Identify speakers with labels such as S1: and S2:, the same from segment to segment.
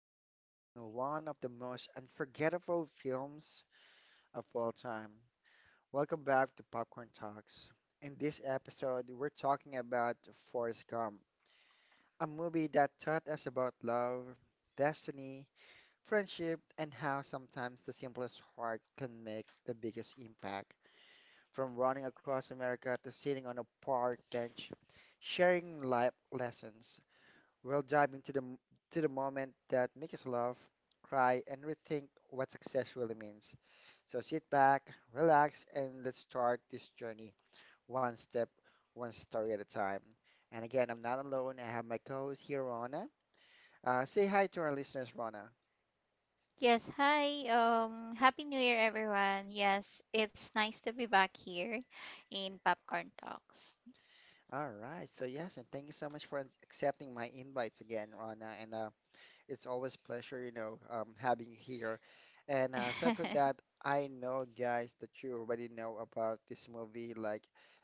S1: we're unwrapping one of the most unforgettable films of all time. Welcome back to Popcorn Talks. In this episode, we're talking about Forrest Gump, a movie that taught us about love, destiny, friendship, and how sometimes the simplest heart can make the biggest impact. From running across America to sitting on a park bench, sharing life lessons. We'll dive into to the moment that make us laugh, cry, and rethink what success really means. So sit back, relax, and let's start this journey one step, one story at a time. And again, I'm not alone. I have my co-host here, Rona. Say hi to our listeners, Rona.
S2: Yes, hi. Happy New Year, everyone. Yes, it's nice to be back here in Popcorn Talks.
S1: All right. So yes, and thank you so much for accepting my invites again, Rona. And it's always pleasure, having you here. And aside from that, I know, guys, that you already know about this movie. Like,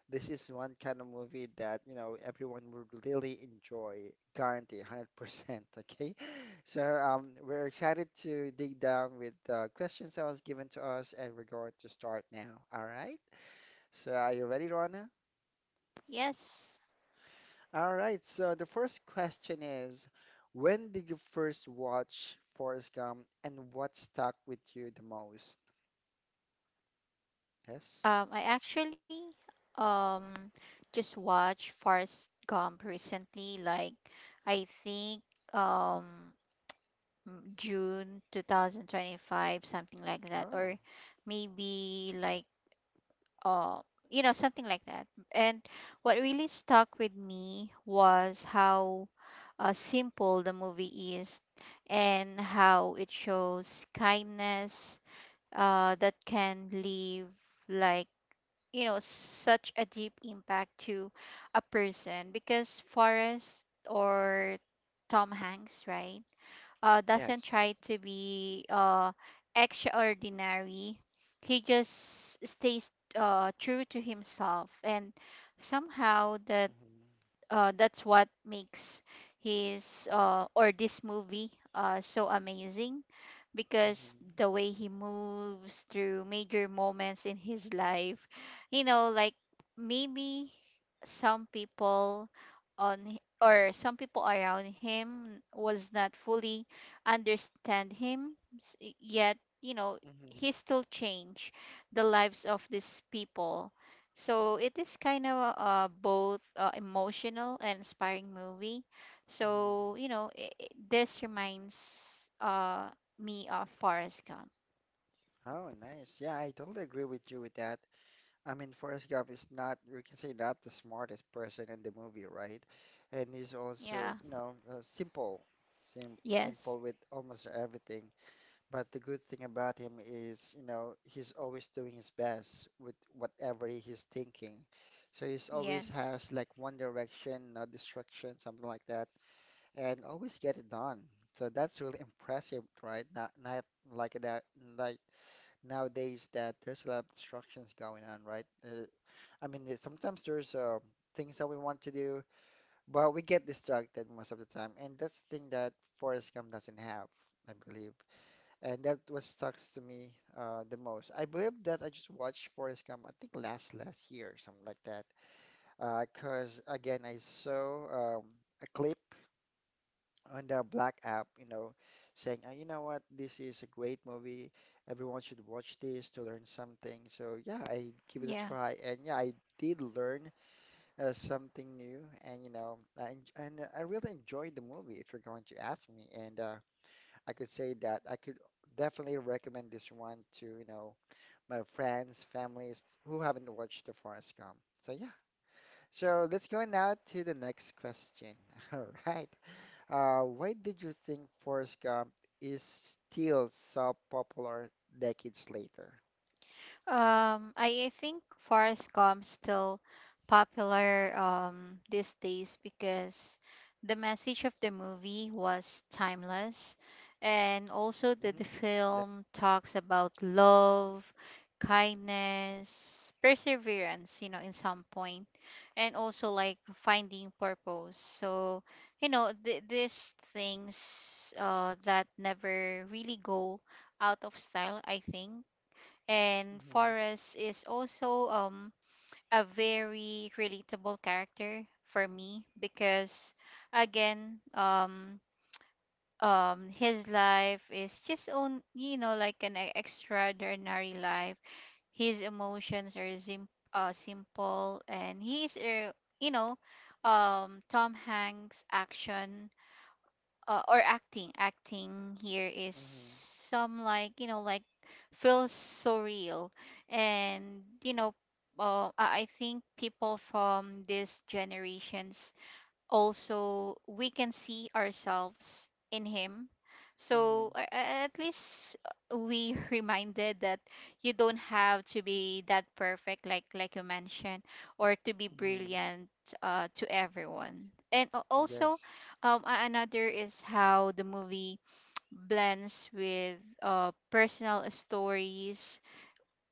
S1: this is one kind of movie that, you know, everyone would really enjoy, guarantee 100%. Okay. So we're excited to dig down with the questions that was given to us, and we're going to start now. All right. So, are you ready, Rona?
S2: Yes,
S1: All right, so the first question is, when did you first watch Forrest Gump and what stuck with you the most? Yes.
S2: I actually um just watched Forrest Gump recently. Like, I think um June 2025, something like that,
S1: Oh,
S2: or maybe like uh something like that. And what really stuck with me was how simple the movie is, and how it shows kindness that can leave like such a deep impact to a person. Because Forrest, or Tom Hanks, right, doesn't
S1: yes.
S2: try to be extraordinary. He just stays true to himself, and somehow
S1: hmm
S2: that's what makes his or this movie so amazing, because
S1: hmm
S2: the way he moves through major moments in his life, like maybe some people on h- or some people around him was not fully understand him yet,
S1: hmm
S2: he still changed the lives of these people. So it is kind of both emotional and inspiring movie.
S1: hmm
S2: So this reminds uh, me of Forrest Gump.
S1: Oh, nice. Yeah, I totally agree with you with that. I mean, Forrest Gump is not, we can say, not the smartest person in the movie, right? And he's also,
S2: Yeah.
S1: simple, sim
S2: Yes.
S1: simple with almost everything. But the good thing about him is, you know, he's always doing his best with whatever he's thinking. So he's always
S2: Yes.
S1: has like one direction, no distraction, something like that, and always get it done. So that's really impressive, right? Not like that, like nowadays that there's a lot of distractions going on, right? I mean, sometimes there's things that we want to do, but we get distracted most of the time, and that's the thing that Forrest Gump doesn't have, I believe, and that was sucks to me the most. I believe that I just watched Forrest Gump, I think last year something like that. 'Cause Because again, I saw um, a clip on the Black app, you know, saying, you know what, this is a great movie. Everyone should watch this to learn something. So yeah, I give it a
S2: Yeah.
S1: try, and yeah, I did learn something new, and you know, and I really enjoyed the movie, if you're going to ask me, and I could say that I could definitely recommend this one to, you know, my friends, families who haven't watched the Forest Gump. So yeah. So let's go now to the next question. All right. Why did you think Forrest Gump is still so popular decades later?
S2: I think Forrest Gump's still popular these days because the message of the movie was timeless, and also that the
S1: Mm-hmm. Yeah.
S2: film talks about love, kindness, perseverance, in some point, and also like finding purpose. So, these things that never really go out of style, I think. And
S1: Mm-hmm.
S2: Forrest is also a very relatable character for me because, again, his life is just on, like an extraordinary life. His emotions are simple, and he is, you know, Tom Hanks' action or acting here is
S1: Mm-hmm.
S2: some, like like, feels so real. And I think people from these generations, also we can see ourselves in him, so
S1: Mm-hmm.
S2: at least we reminded that you don't have to be that perfect, like you mentioned, or to be
S1: Mm-hmm.
S2: brilliant to everyone. And also,
S1: Yes.
S2: another is how the movie blends with personal stories,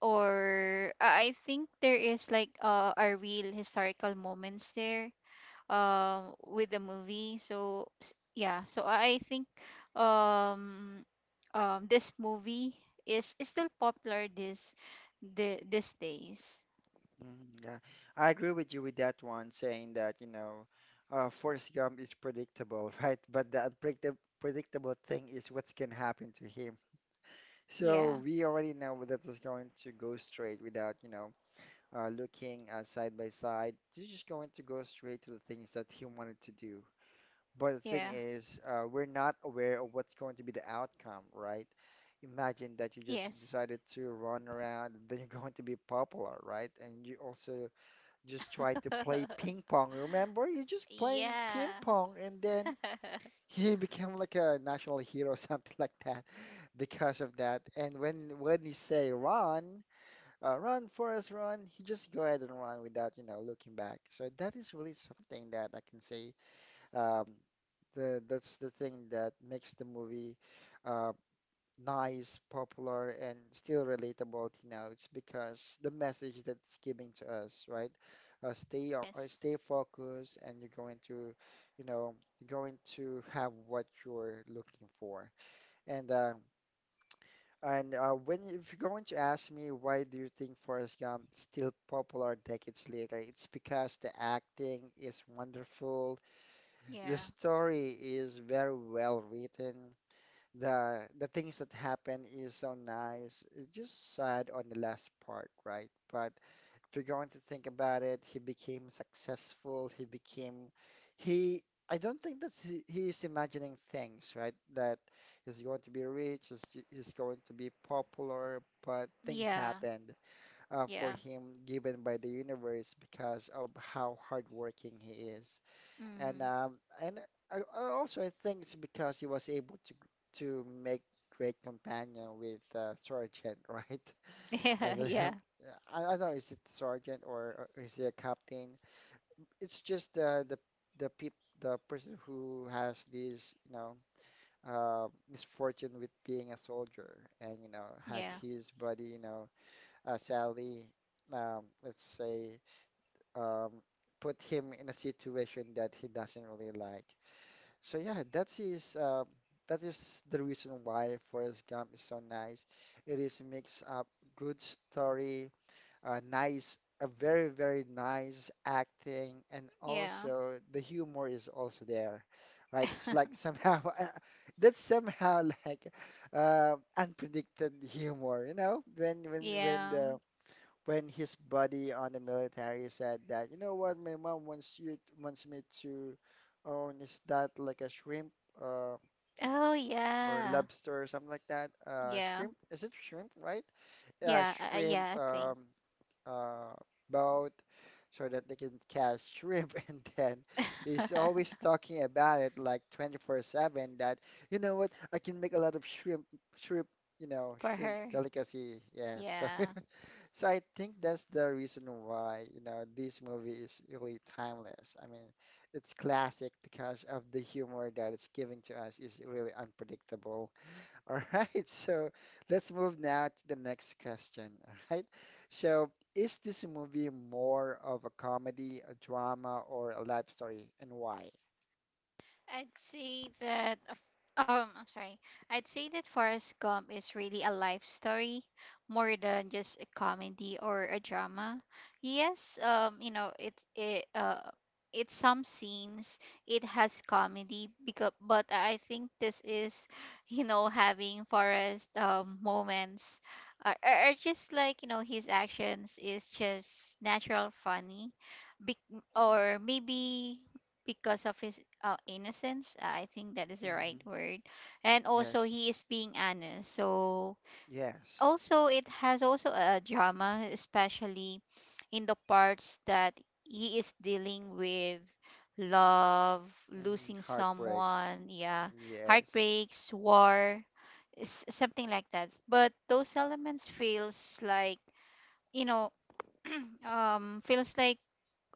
S2: or I think there is like a real historical moments there with the movie. So yeah, so I think um this movie is still popular this the these days.
S1: Mhm. Yeah, I agree with you with that one, saying that, you know, Forrest Gump is predictable, right? But the unpredictable predictable thing is what's going to happen to him. So
S2: Yeah,
S1: we already know that it's going to go straight without, you know, looking side by side. He's just going to go straight to the things that he wanted to do. But the thing
S2: yeah.
S1: is, we're not aware of what's going to be the outcome, right? Imagine that you
S2: Yes.
S1: just decided to run around, then you're going to be popular, right? And you also just tried to play ping pong. Remember, he's just playing ping
S2: Yeah.
S1: pong, and then he became like a national hero, something like that, because of that. And when he say run, run Forrest, run, he just go ahead and run without, you know, looking back. So that is really something that I can say. Um, that's the thing that makes the movie uh, nice, popular, and still relatable, you know, it's because the message that's giving to us, right?
S2: Yes,
S1: Stay focused, and you're going to, you know, you're going to have what you're looking for. And uh, and When if you're going to ask me why do you think Forrest Gump is still popular decades later, it's because the acting is wonderful, the
S2: yeah,
S1: story is very well written, the things that happen is so nice. It's just sad on the last part, right? But if you're going to think about it, he became successful. He became he. I don't think that he is imagining things, right? That he's going to be rich, he's going to be popular, but things
S2: yeah,
S1: happened for
S2: yeah,
S1: him given by the universe because of how hardworking he is. And
S2: mm.
S1: um, and I also I think it's because he was able to make great companion with Sergeant, right? I
S2: Yeah,
S1: believe.
S2: yeah,
S1: I don't know, is it Sergeant or is he a captain? It's just the peop, the person who has this, you know, misfortune with being a soldier, and you know, had his buddy, you know, Sally, let's say, um, put him in a situation that he doesn't really like. So yeah, that is the reason why Forrest Gump is so nice. It is mix up good story, nice, a very nice acting, and
S2: yeah, yeah.
S1: also the humor is also there, right? It's like somehow that's somehow like unpredicted humor, you know,
S2: Yeah.
S1: when his buddy on the military said that, you know what, my mom wants you wants me to own is that like a shrimp uh,
S2: Oh
S1: or
S2: yeah,
S1: lobster or something like that?
S2: yeah,
S1: Shrimp, is it shrimp, right? Yeah,
S2: yeah,
S1: shrimp
S2: yeah, I think.
S1: um, uh, boat so that they can catch shrimp. And then he's always talking about it like 24/7 that, you know what, I can make a lot of shrimp, shrimp, you know,
S2: For
S1: shrimp
S2: her.
S1: delicacy. Yes. So
S2: Yeah,
S1: so I think that's the reason why, you know, this movie is really timeless. I mean, it's classic because of the humor that it's giving to us is really unpredictable. All right, so let's move now to the next question. All right, so is this movie more of a comedy, a drama, or a life story, and why?
S2: I'd say that. of- I'm sorry. I'd say that Forrest Gump is really a life story more than just a comedy or a drama. Yes, it's, some scenes it has comedy, because, but I think this is, having Forrest moments are just, like his actions is just natural funny. Bec or Maybe because of his innocence, I think that is the right
S1: Hmm
S2: word. And also
S1: Yes,
S2: he is being honest. So
S1: yes.
S2: also it has also a drama, especially in the parts that he is dealing with love,
S1: hmm
S2: losing
S1: Heartbreak.
S2: someone, yeah,
S1: Yes.
S2: heartbreaks, war, something like that. But those elements feels like you know feels like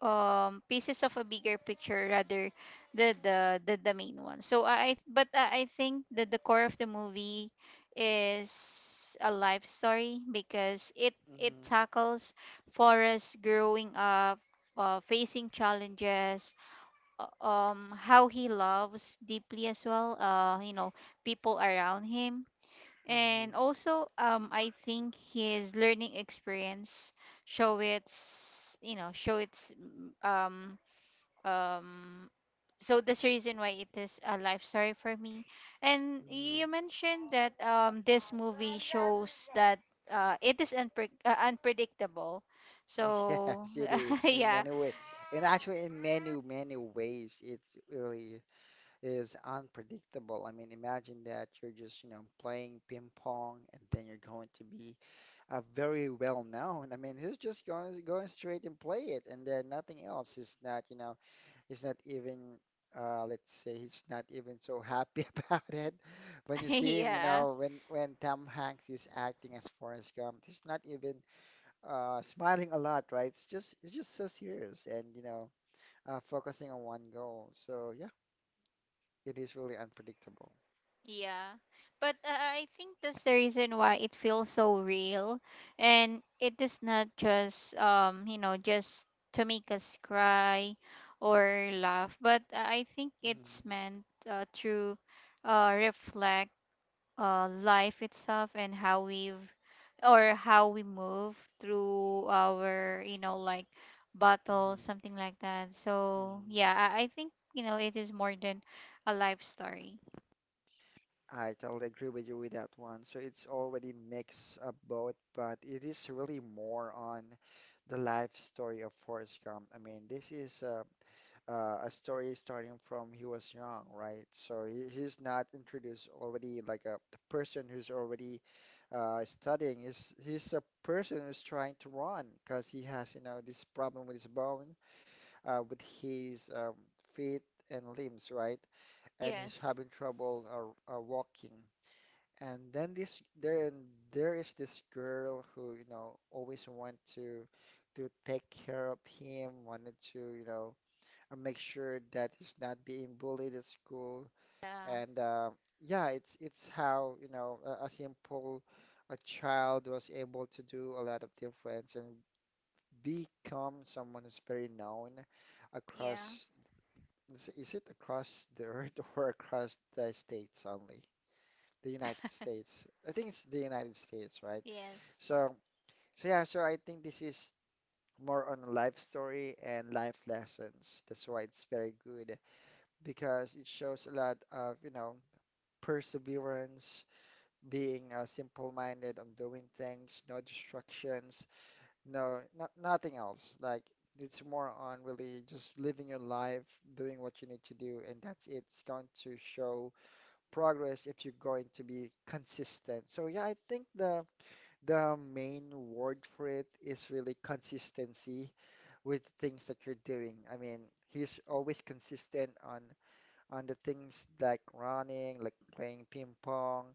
S2: pieces of a bigger picture, rather the main one. So But I think that the core of the movie is a life story, because it
S1: hmm
S2: tackles Forrest growing up, facing challenges, how he loves deeply as well, people around him, and
S1: hmm
S2: also, I think his learning experience show its, you know, show its, mm, um, so that's the reason why it is a life story for me. And
S1: hmm
S2: you mentioned that this movie shows that it is unpredictable. So
S1: Yes, it is in
S2: yeah.
S1: many ways, and actually in many ways, it really is unpredictable. I mean, imagine that you're just you know playing ping pong, and then you're going to be very well known. I mean, he's just going straight and play it, and then nothing else. Is not you know he's not even Let's say he's not even so happy about it. When you see him, you
S2: Yeah.
S1: know when Tom Hanks is acting as Forrest Gump, he's not even smiling a lot, right? It's just so serious and you know focusing on one goal. So yeah, it is really unpredictable.
S2: Yeah. But I think that's the reason why it feels so real. And it is not just, just to make us cry or laugh, but I think
S1: Hmm
S2: it's meant to reflect life itself, and how we've or how we move through our, like battles,
S1: hmm
S2: something like that. So,
S1: hmm
S2: yeah, I think, it is more than a life story.
S1: I totally agree with you with that one. So it's already mix of both, but it is really more on the life story of Forrest Gump. I mean, this is a story starting from he was young, right? So he's not introduced already like a the person who's already studying. He's a person who's trying to run because he has, you know, this problem with his bone, with his feet and limbs, right? And he's
S2: Yes.
S1: having trouble walking. And then this there and There is this girl who, you know, always want to take care of him, wanted to, you know, make sure that he's not being bullied at school.
S2: Yeah,
S1: And yeah, it's how, you know, a simple a child was able to do a lot of difference and become someone who's very known
S2: yeah.
S1: across, is it across the earth or across the states only? The United States. I think it's the United States, right?
S2: Yes,
S1: So, so yeah, so I think this is more on life story and life lessons. That's why it's very good. Because it shows a lot of, you know, perseverance, being simple-minded on doing things, no distractions, nothing else. Like it's more on really just living your life, doing what you need to do, and that's it. It's going to show progress if you're going to be consistent. So yeah, I think the main word for it is really consistency with things that you're doing. I mean, he's always consistent on the things like running, like playing ping pong,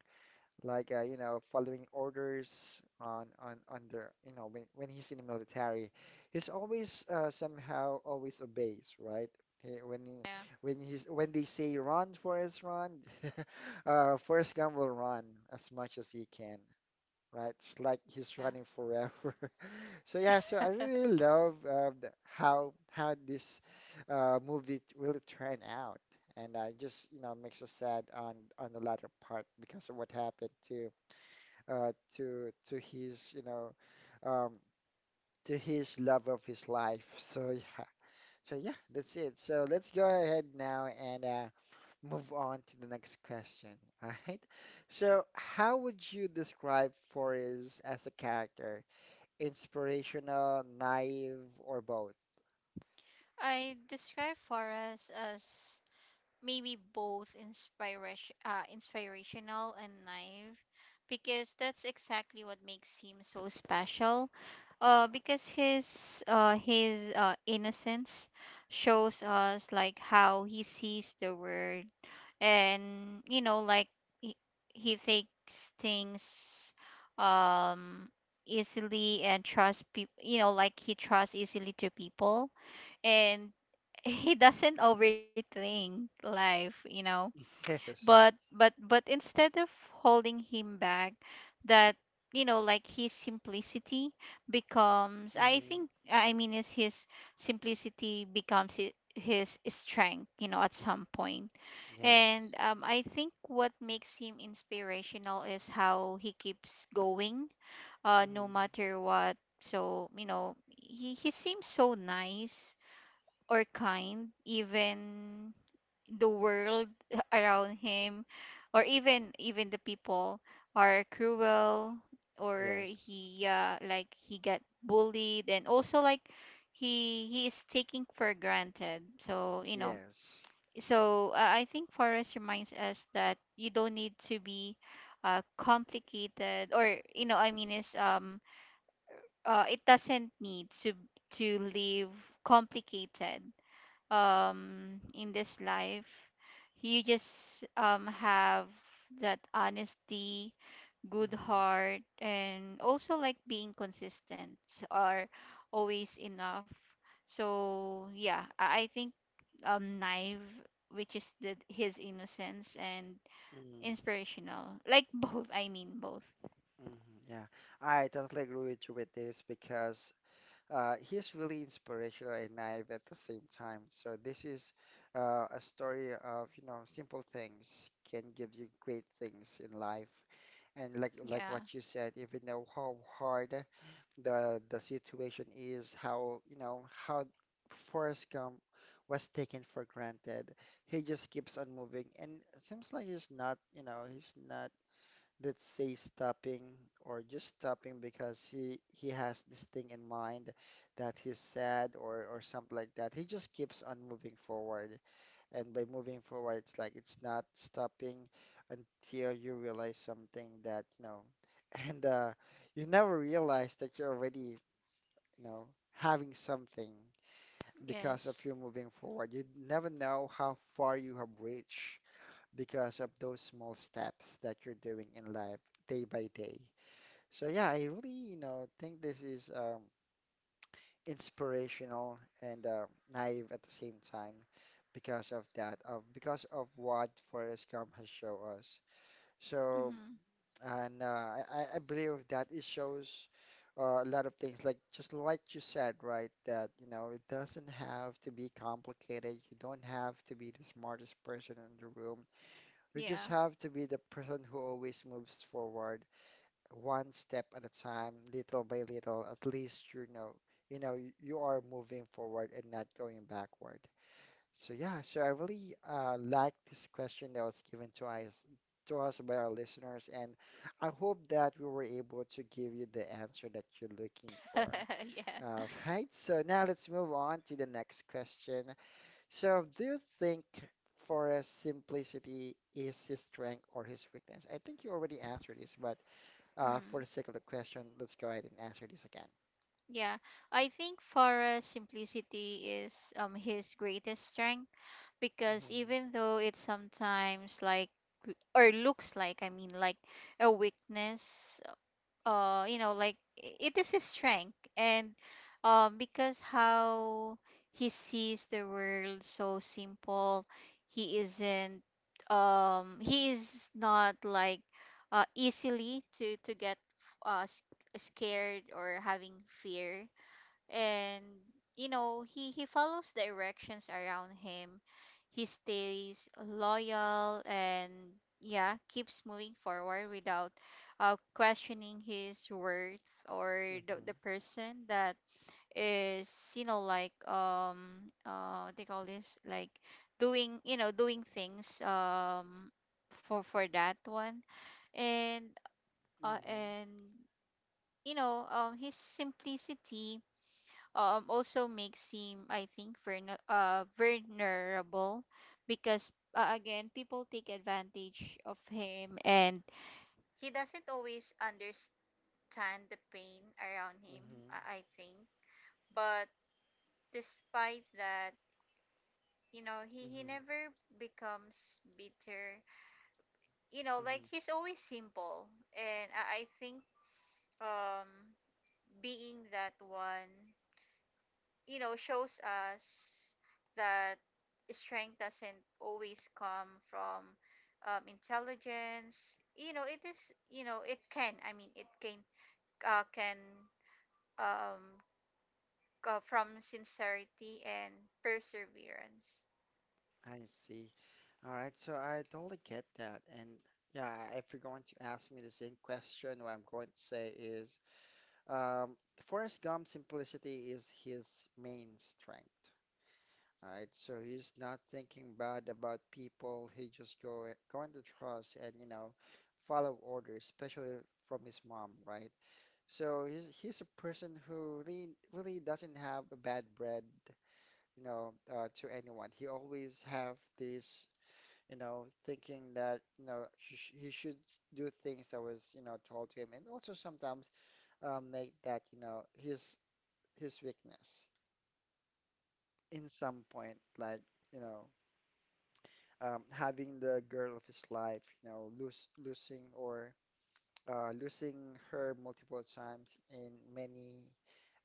S1: like following orders on under when he's in the military. He's always somehow always obeys, right? He,
S2: yeah,
S1: when he's When they say run, Forrest, run, Forrest Gump will run as much as he can, right? It's like he's
S2: yeah.
S1: running forever. So yeah, so I really love how this movie really turned out, and just makes us sad on the latter part because of what happened uh, to to his you know um, to his love of his life. Yeah, so yeah, that's it. So let's go ahead now and move on to the next question. All right. So how would you describe Forrest as a character? Inspirational, naive, or both?
S2: I describe Forrest as maybe both inspirational and naive, because that's exactly what makes him so special. Because his innocence shows us like how he sees the world. And like he, he takes things um easily, and trust people, like he trusts easily to people. And he doesn't overthink life, but
S1: Yes.
S2: but instead of holding him back, that, like his simplicity becomes, I
S1: Hmm.
S2: think, I mean, is his simplicity becomes his strength, at some point. And
S1: Yes.
S2: I think what makes him inspirational is how he keeps going, no
S1: Hmm.
S2: matter what. So he seems so nice or kind, even the world around him, or even the people are cruel, or
S1: Yes.
S2: he, like he got bullied, and also like he is taking for granted. So
S1: Yes.
S2: so I think Forrest reminds us that you don't need to be complicated, or I mean is, it doesn't need to live complicated in this life. You just have that honesty, good
S1: Hmm.
S2: heart, and also like being consistent, or always enough. So yeah, I think naive, which is the his innocence, and
S1: Hmm.
S2: inspirational, like both, I mean both.
S1: Hmm. Yeah, I totally agree with you with this because he's really inspirational and naive at the same time. So this is a story of, simple things can give you great things in life. And like
S2: Yeah.
S1: what you said, even though how hard the situation is, how you know how Forrest Gump was taken for granted. He just keeps on moving, and it seems like he's not, let's say, stopping, or just stopping because he has this thing in mind that he's sad or something like that. He just keeps on moving forward, and by moving forward, it's like it's not stopping until you realize something that you know. And you never realize that you're already, you know, having something because
S2: Yes.
S1: of you moving forward. You never know how far you have reached because of those small steps that you're doing in life, day by day. So yeah, I really, think this is, inspirational and naive at the same time because of that, of because of what Forrest Gump has shown us. So,
S2: Hmm.
S1: and I believe that it shows a lot of things, like just like you said, right? That, it doesn't have to be complicated. You don't have to be the smartest person in the room. You just
S2: Yeah.
S1: have to be the person who always moves forward, one step at a time, little by little. At least, you are moving forward and not going backward. So yeah, so I really like this question that was given to us by our listeners, and I hope that we were able to give you the answer that you're looking for.
S2: Yeah,
S1: All right, so now let's move on to the next question. So, do you think Forrest's simplicity is his strength or his weakness? I think you already answered this, but for
S2: mm.
S1: the sake of the question, let's go ahead and answer this again.
S2: Yeah, I think Farah's simplicity is his greatest strength, because
S1: Mm-hmm,
S2: even though it sometimes, like l- or looks like, I mean, like a weakness, like it is his strength. And because how he sees the world so simple, he isn't he is not like easily to get uh s- scared or having fear. And he follows the directions around him, he stays loyal, and, yeah, keeps moving forward without questioning his worth, or the,
S1: mm-hmm.
S2: the person that is, like what they call this, like doing you know doing things, for that one. and uh,
S1: Hmm.
S2: and his simplicity also makes him, I think, vulnerable, because, again, people take advantage of him, and he doesn't always understand the pain around him,
S1: Hmm.
S2: I think. But despite that, he never becomes bitter. Like
S1: Hmm.
S2: he's always simple. And I think um being that one, shows us that strength doesn't always come from intelligence. It is, it can, I mean, it can um go from sincerity and perseverance.
S1: I see. All right, so I totally get that. And yeah, if you're going to ask me the same question, what I'm going to say is, um, Forrest Gump's simplicity is his main strength. All right, so he's not thinking bad about people. He just go going to trust, and follow orders, especially from his mom, right? So he's a person who really really doesn't have a bad bread, to anyone. He always have this, thinking that, he should do things that was, told to him, and also sometimes make that, his weakness in some point, like, you know, having the girl of his life, lose losing, or losing her multiple times in many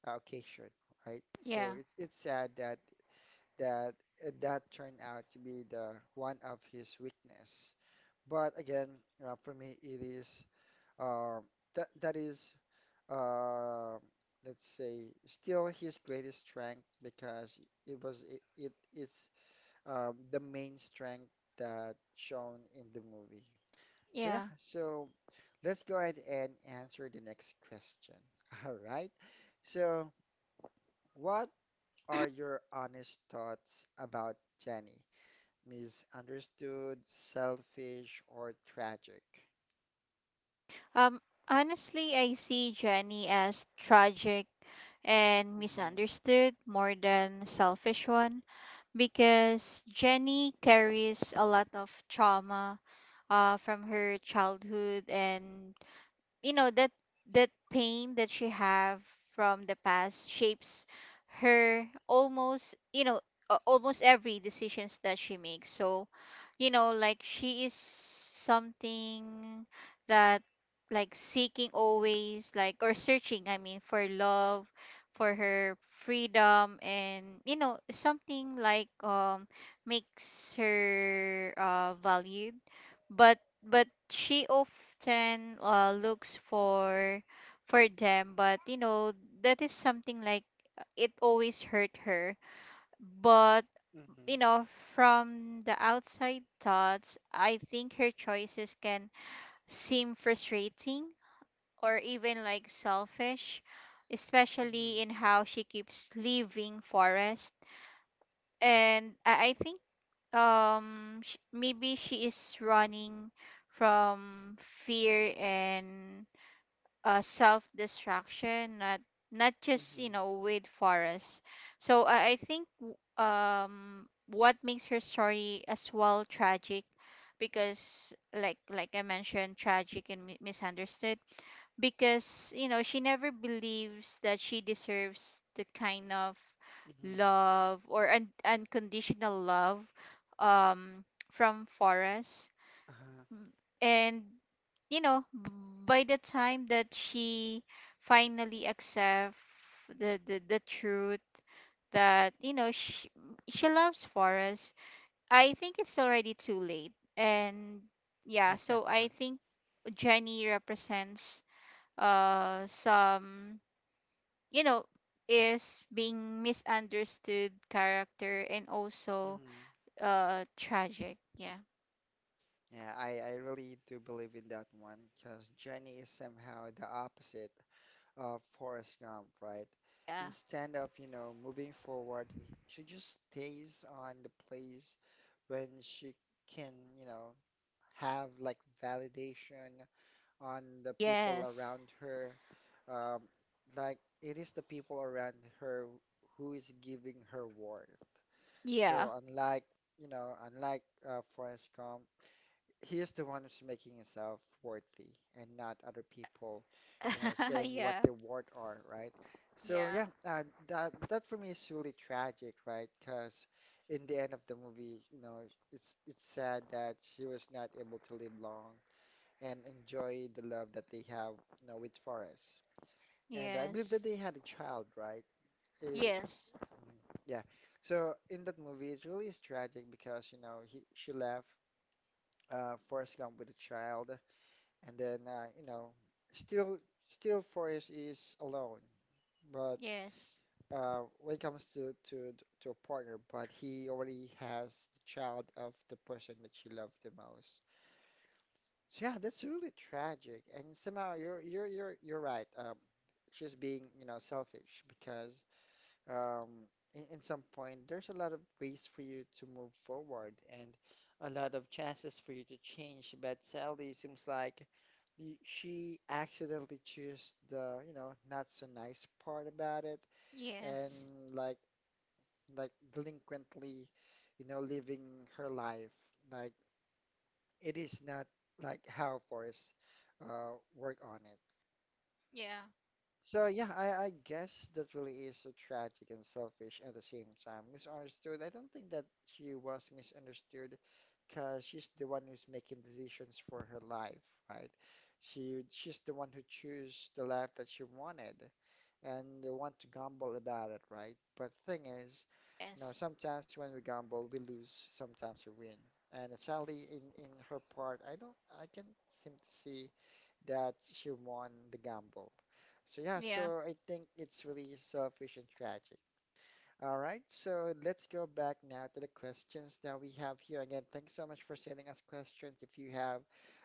S1: occasion, right? So
S2: Yeah,
S1: it's sad that that that turned out to be the one of his weakness. But again, for me, it is. Uh, that is, uh, let's say, still his greatest strength, because it was it, it it's the main strength that shown in the movie. So yeah,
S2: yeah.
S1: so let's go ahead and answer the next question. All right. So what are your honest thoughts about Jenny? Misunderstood, selfish, or tragic?
S2: Um, Honestly, I see Jenny as tragic and
S1: Mm-hmm.
S2: misunderstood more than selfish one, because Jenny carries a lot of trauma from her childhood. And that, that pain that she have from the past shapes her almost, almost every decisions that she makes. So like she is something that, like, seeking always, like, or searching, I mean, for love, for her freedom, and, something like makes her valued. But she often looks for them, but that is something like, it always hurt her. But
S1: Mm-hmm.
S2: you know from the outside thoughts, I think her choices can seem frustrating or even like selfish,
S1: Mm-hmm.
S2: especially in how she keeps leaving Forest. And I think, maybe she is running from fear and self destruction, not just,
S1: Mm-hmm.
S2: with Forrest. So I think, what makes her story as well tragic, because, like I mentioned, tragic and misunderstood, because she never believes that she deserves the kind of
S1: Mm-hmm.
S2: love, or unconditional love, um from Forrest.
S1: Uh-huh.
S2: And you know b- by the time that she finally accepts the truth that, she loves Forrest, I think it's already too late. And yeah, so I think Jenny represents some, you know is being misunderstood character, and also
S1: Mm.
S2: tragic. Yeah.
S1: Yeah, I really do believe in that one because Jenny is somehow the opposite of Forrest Gump, right?
S2: Yeah.
S1: Instead of, moving forward, she just stays on the place when she can, you know, have like validation on the people
S2: Yes.
S1: around her. Um, like it is the people around her who is giving her worth.
S2: Yeah.
S1: So unlike, unlike Forrest Gump, he is the one who's making himself worthy, and not other people, saying what
S2: Yeah,
S1: their worth are, right? So
S2: yeah.
S1: yeah, that for me is really tragic, right? Because in the end of the movie, it's sad that she was not able to live long and enjoy the love that they have, with Forrest. And I believe
S2: Yes,
S1: that they had a child, right? Uh,
S2: yes.
S1: yeah. So in that movie, it really is tragic because, he she left Forrest Gump with a child, and then still still Forrest is alone, but
S2: Yes,
S1: when it comes to, a partner, but he already has the child of the person that she loved the most. So yeah, that's really tragic, and somehow you're right. She's being, selfish because, um, in some point, there's a lot of ways for you to move forward and a lot of chances for you to change. But Sally seems like she accidentally chose the, not so nice part about it, and
S2: yes.
S1: like like delinquently, living her life. Like it is not like how Forrest work on.
S2: Yeah,
S1: So yeah, I guess that really is so tragic and selfish at the same time. Misunderstood. I don't think that she was misunderstood, because she's the one who's making decisions for her life, right? She's the one who chose the life that she wanted, and the one to gamble about it, right? But the thing is,
S2: yes.
S1: sometimes when we gamble, we lose, sometimes we win. And sadly, in her part, I can't seem to see that she won the gamble. So yeah,
S2: Yeah.
S1: so I think it's really selfish and tragic. All right, so let's go back now to the questions that we have here. Again, thanks so much for sending us questions. If you have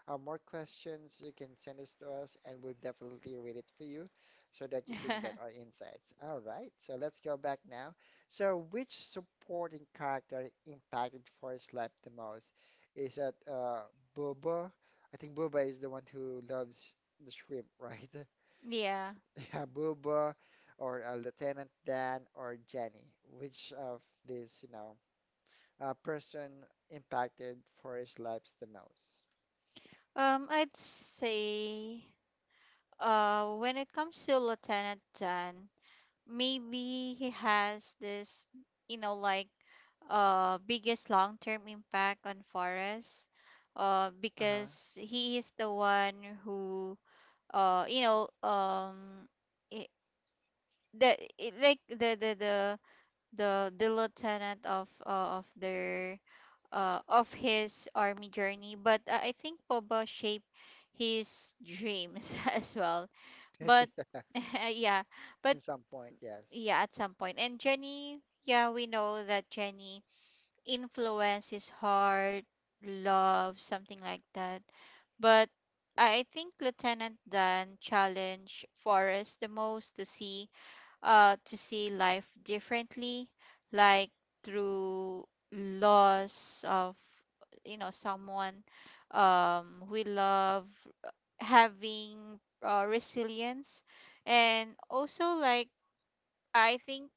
S1: more questions, you can send this to us, and we'll definitely read it for you, so that you can get our insights. All right, so let's go back now. So, which supporting character impacted Forrest's life the most? Is that Boba? I think Boba is the one who loves the shrimp, right?
S2: Yeah,
S1: Booba, or Lieutenant Dan, or Jenny? Which of these, person impacted for his lives the most?
S2: I'd say when it comes to Lieutenant Dan, maybe he has this, like, biggest long-term impact on Forrest,
S1: Uh-huh.
S2: because he is the one who, you know I- the I- like the lieutenant of, of their, of his army journey. But I think Boba shaped his dreams as well. But
S1: Yeah.
S2: yeah. But
S1: In some point, yes.
S2: yeah, at some point. And Jenny, yeah, we know that Jenny influences heart, love, something like that. But I think Lieutenant Dan challenged Forrest the most to see life differently, like through loss of someone we love, uh, having resilience, and also I think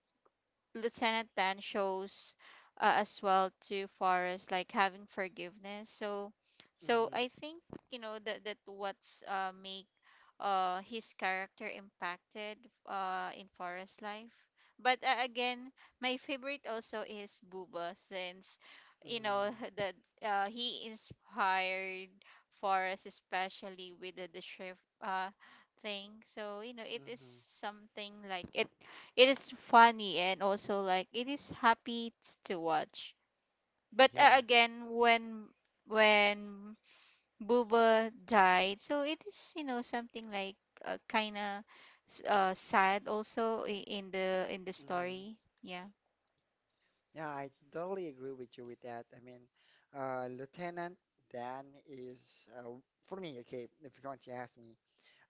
S2: Lieutenant Dan shows, as well to Forrest, like having forgiveness. So
S1: Mm-hmm.
S2: I think that what's, make his character impacted in Forrest's life. But again, my favorite also is Booba since you know
S1: Mm-hmm.
S2: that he inspired Forrest, especially with the shrift thing. So it is
S1: Mm-hmm.
S2: something like it is funny, and also like it is happy to watch. But
S1: Yeah.
S2: again, when when Booba died, so it is, something like, kind of sad also in the story.
S1: Mm-hmm.
S2: Yeah.
S1: Yeah, I totally agree with you with that. I mean, Lieutenant Dan is, for me. Okay, if you're going to ask me,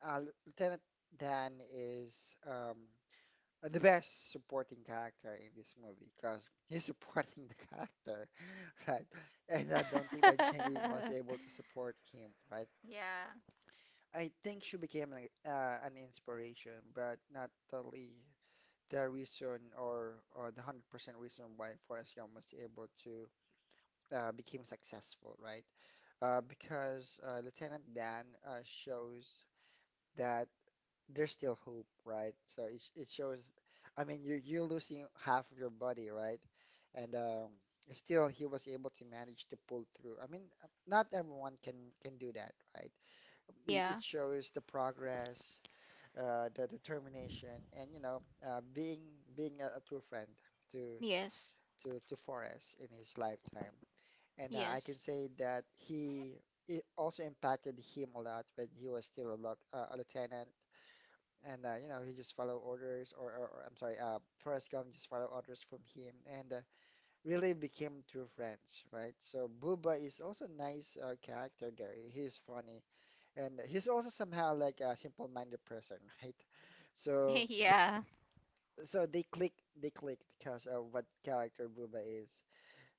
S1: uh, Lieutenant Dan is. The best supporting character in this movie, because he's supporting the character, right? And I don't think that Jenny was able to support him, right?
S2: Yeah.
S1: I think she became an inspiration, but not totally the reason, or the 100% reason why Forrest Gump was able to become successful, right? Because Lieutenant Dan shows that there's still hope, right? So it shows. I mean, you're losing half of your body, right? And still, he was able to manage to pull through. I mean, not everyone can do that, right? It
S2: Yeah.
S1: shows the progress, the determination, and being a, true friend to,
S2: Yes.
S1: Forrest in his lifetime. And I
S2: Yes.
S1: can say that he. It also impacted him a lot when he was still a lieutenant, and he just follow orders, or I'm sorry, Forrest Gump just follow orders from him, and really became true friends, right. So Booba is also nice, character there. He's funny, and he's also somehow like a simple-minded person. Right. So
S2: Yeah.
S1: so they click they click because of what character Booba is.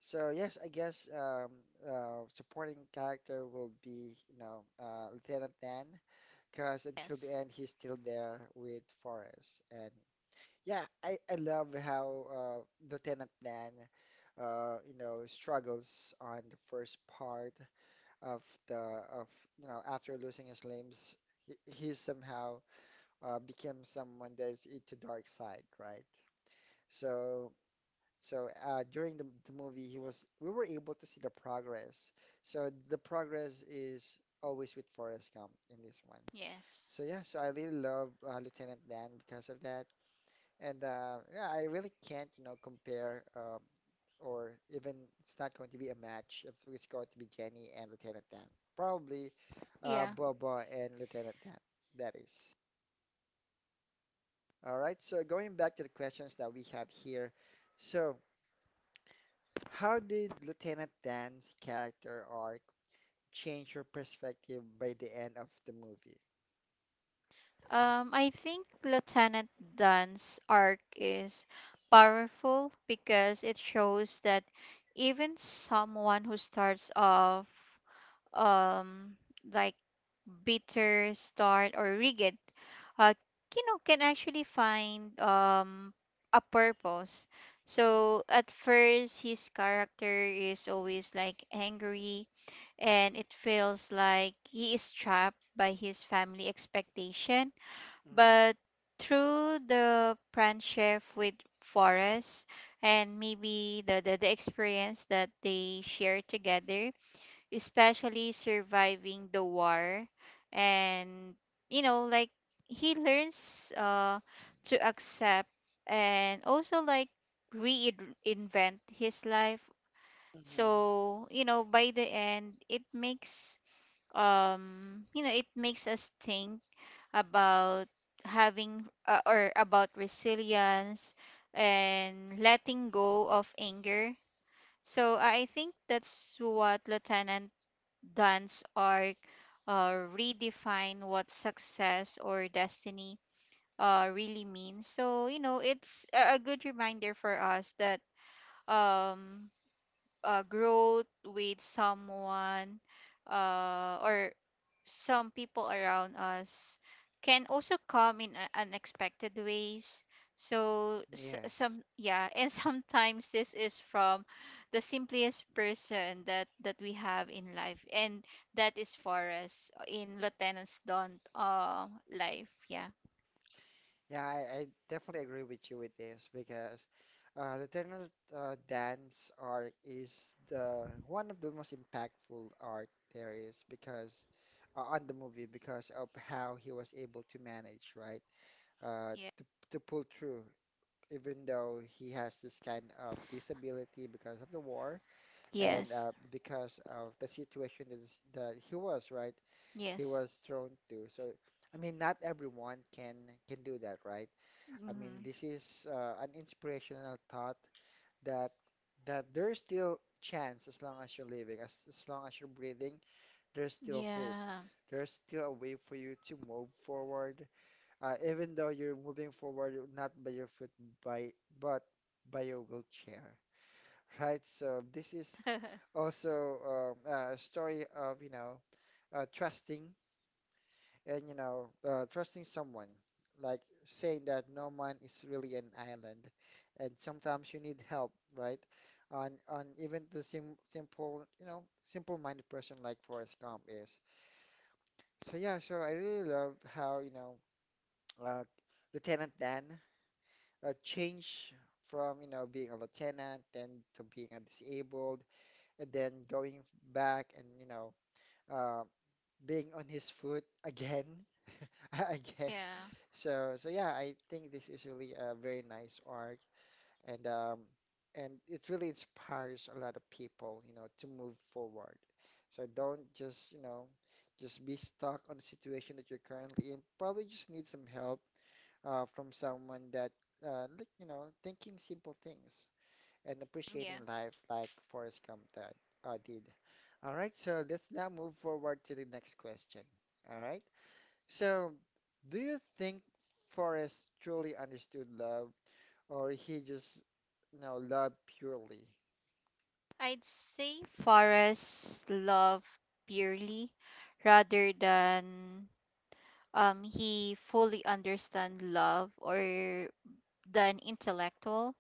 S1: So yes, I guess supporting character will be, Lieutenant Dan, because until the
S2: Yes.
S1: end, he's still there with Forrest. And yeah, I love how Lieutenant Dan, you know, struggles on the first part of the, of you know after losing his limbs. He somehow became someone that is into dark side, right? So so during the movie, he was we were able to see the progress. So the progress is always with Forrest Gump in this one.
S2: Yes.
S1: So yeah, so I really love Lieutenant Dan because of that. And yeah, I really can't, you know, compare or even it's not going to be a match if it's going to be Jenny and Lieutenant Dan. Probably
S2: Yeah.
S1: Boba and Lieutenant Dan. That is. All right. So going back to the questions that we have here. So how did Lieutenant Dan's character arc change your perspective by the end of the movie?
S2: I think Lieutenant Dan's arc is powerful because it shows that even someone who starts off um like bitter start or rigid, uh can actually find a purpose. So at first his character is always like angry, and it feels like he is trapped by his family expectation.
S1: Mm-hmm.
S2: But through the friendship with Forrest, and maybe the experience that they share together, especially surviving the war, and you know, like he learns, to accept and also like reinvent his life.
S1: Hmm.
S2: So, by the end, it makes, it makes us think about having, or about resilience and letting go of anger. So I think that's what Lieutenant Dunn's arc, uh, redefine what success or destiny really means. So it's a good reminder for us that, um, growth with someone, or some people around us can also come in unexpected ways. So some
S1: Yes.
S2: yeah, and sometimes this is from the simplest person that we have in life, and that is Forrest in Lieutenant's Dawn life. Yeah
S1: Yeah, I definitely agree with you with this because the Turner dance art is the one of the most impactful art there is because on the movie because of how he was able to manage, right? Uh,
S2: Yeah.
S1: to to pull through even though he has this kind of disability because of the war and
S2: Yes.
S1: because of the situation that he was, right? He
S2: Yes.
S1: was thrown to. So, I mean, not everyone can do that, right? I
S2: Hmm.
S1: mean, this is an inspirational thought that that there's still chance as long as you're living, as long as you're breathing, there's still hope.
S2: Yeah.
S1: There's still a way for you to move forward, even though you're moving forward not by your foot, by but by your wheelchair, right? So this is also a story of, you know, trusting and you know trusting someone like saying that no man is really an island and sometimes you need help, right? On even the simple you know simple-minded person like Forrest Gump is. So yeah, so I really love how you know uh, Lieutenant Dan changed from you know being a lieutenant then to being a disabled and then going back and you know uh, being on his foot again. I guess.
S2: Yeah.
S1: So so yeah, I think this is really a very nice arc and um and it really inspires a lot of people, you know, to move forward. So don't just, you know, just be stuck on the situation that you're currently in. Probably just need some help from someone that like, you know, thinking simple things and
S2: Yeah.
S1: appreciating life like Forrest Gump that did. All right, so let's now move forward to the next question. All right. So, do you think Forrest truly understood love, or he just, you know, loved purely?
S2: I'd say Forrest love purely rather than, he fully understand love, or than intellectual,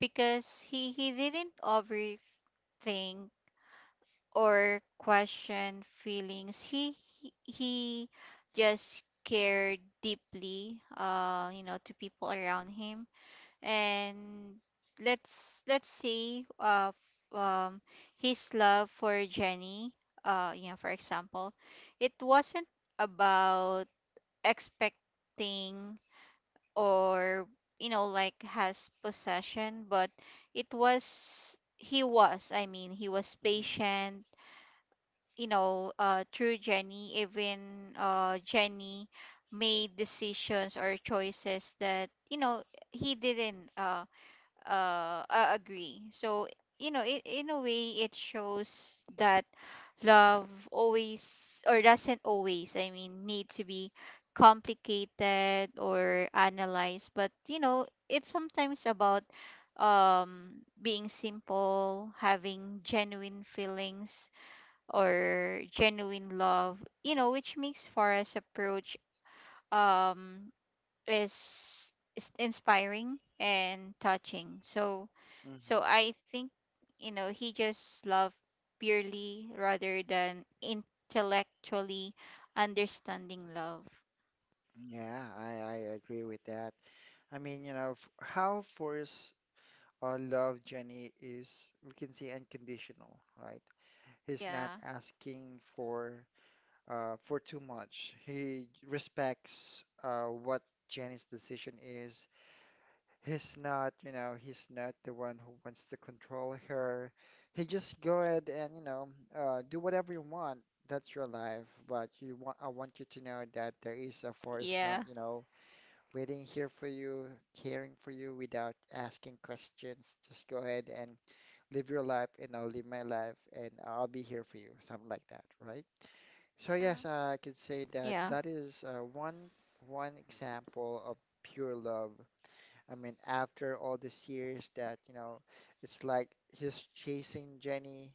S2: because he didn't overthink or question feelings. He just cared deeply, to people around him. And let's say, f- um, his love for Jenny, for example, it wasn't about expecting or, like has possession, but it was, he was I mean, he was
S1: Mm-hmm.
S2: patient, through Jenny, even Jenny made decisions or choices that, he didn't, agree. So it, in a way, it shows that love always, or doesn't always, I mean, need to be complicated or analyzed, but it's sometimes about, um being simple, having genuine feelings or genuine love, which makes Forest approach, um is inspiring and touching. So
S1: Mm-hmm.
S2: I think, he just loved purely rather than intellectually understanding love.
S1: Yeah, I agree with that. I mean, you know, how Forrest loved Jenny is, we can say, unconditional, right? He's
S2: Yeah.
S1: not asking for too much. He respects what Jenny's decision is. He's not, you know, he's not the one who wants to control her. He just go ahead and, you know, do whatever you want. That's your life. But you want, I want you to know that there is a Forrest Gump,
S2: Yeah.
S1: you know, waiting here for you, caring for you without asking questions. Just go ahead and live your life, and I'll live my life, and I'll be here for you, something like that, right? So
S2: Yeah.
S1: yes, I could say that
S2: Yeah.
S1: that is one example of pure love. I mean, after all these years that, you know, it's like he's chasing Jenny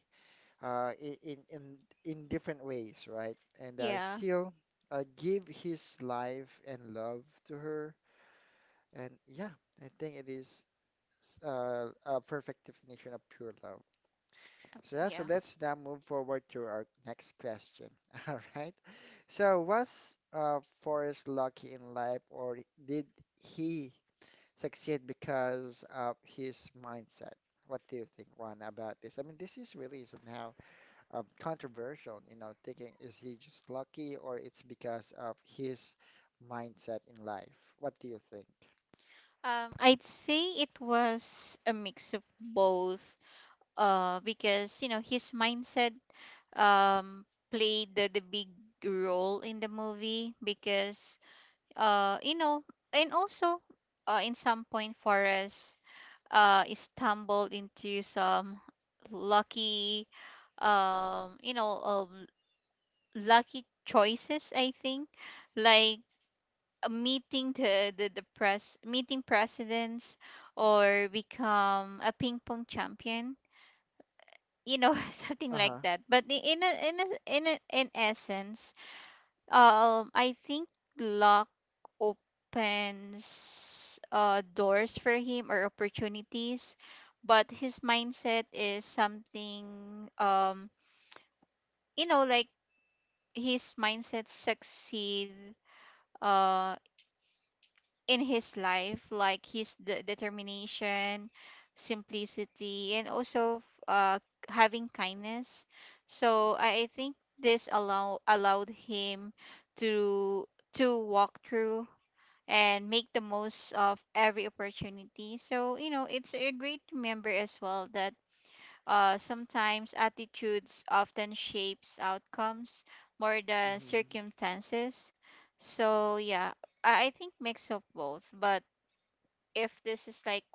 S1: in in different ways, right? And
S2: Yeah.
S1: still give his life and love to her. And yeah, I think it is a perfect definition of pure love. So yeah,
S2: Yeah.
S1: so let's now move forward to our next question. All right. So was Forrest lucky in life, or did he succeed because of his mindset? What do you think, Ron, about this? I mean, this is really somehow controversial, you know, thinking is he just lucky or it's because of his mindset in life? What do you think?
S2: I'd say it was a mix of both, because his mindset, um played the big role in the movie because uh you know and also, in some point, Forrest stumbled into some lucky, um you know um, lucky choices, I think, like, meeting the press meeting presidents, or become a ping pong champion, something like
S1: Uh-huh.
S2: that. But in essence, I think luck opens, doors for him or opportunities, but his mindset is something, you know, like his mindset succeed, uh, in his life, like his determination, simplicity, and also, uh, having kindness. So I think this allowed him to walk through and make the most of every opportunity. So, it's a great to remember as well that, sometimes attitudes often shapes outcomes more than
S1: Hmm.
S2: circumstances. So, yeah, I think mix of both. But if this is like,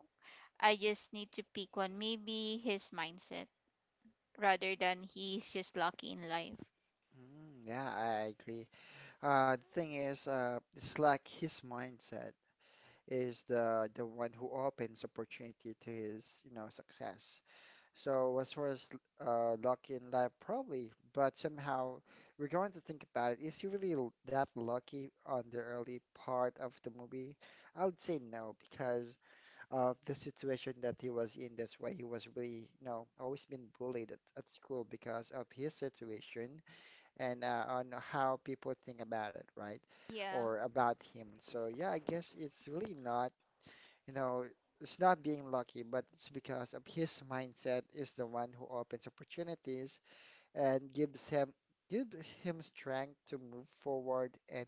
S2: I just need to pick one, maybe his mindset rather than he's just lucky in life.
S1: Mm, yeah, I agree. The thing is, it's like his mindset is the one who opens opportunity to his, you know, success. So as far as lucky in life, probably, but somehow we're going to think about it. Is he really that lucky on the early part of the movie? I would say no, because of the situation that he was in. That's why he was really, you know, always been bullied at school because of his situation and on how people think about it, right?
S2: Yeah.
S1: Or about him. So yeah, I guess it's really not you know, it's not being lucky, but it's because of his mindset is the one who opens opportunities and gives him give him strength to move forward and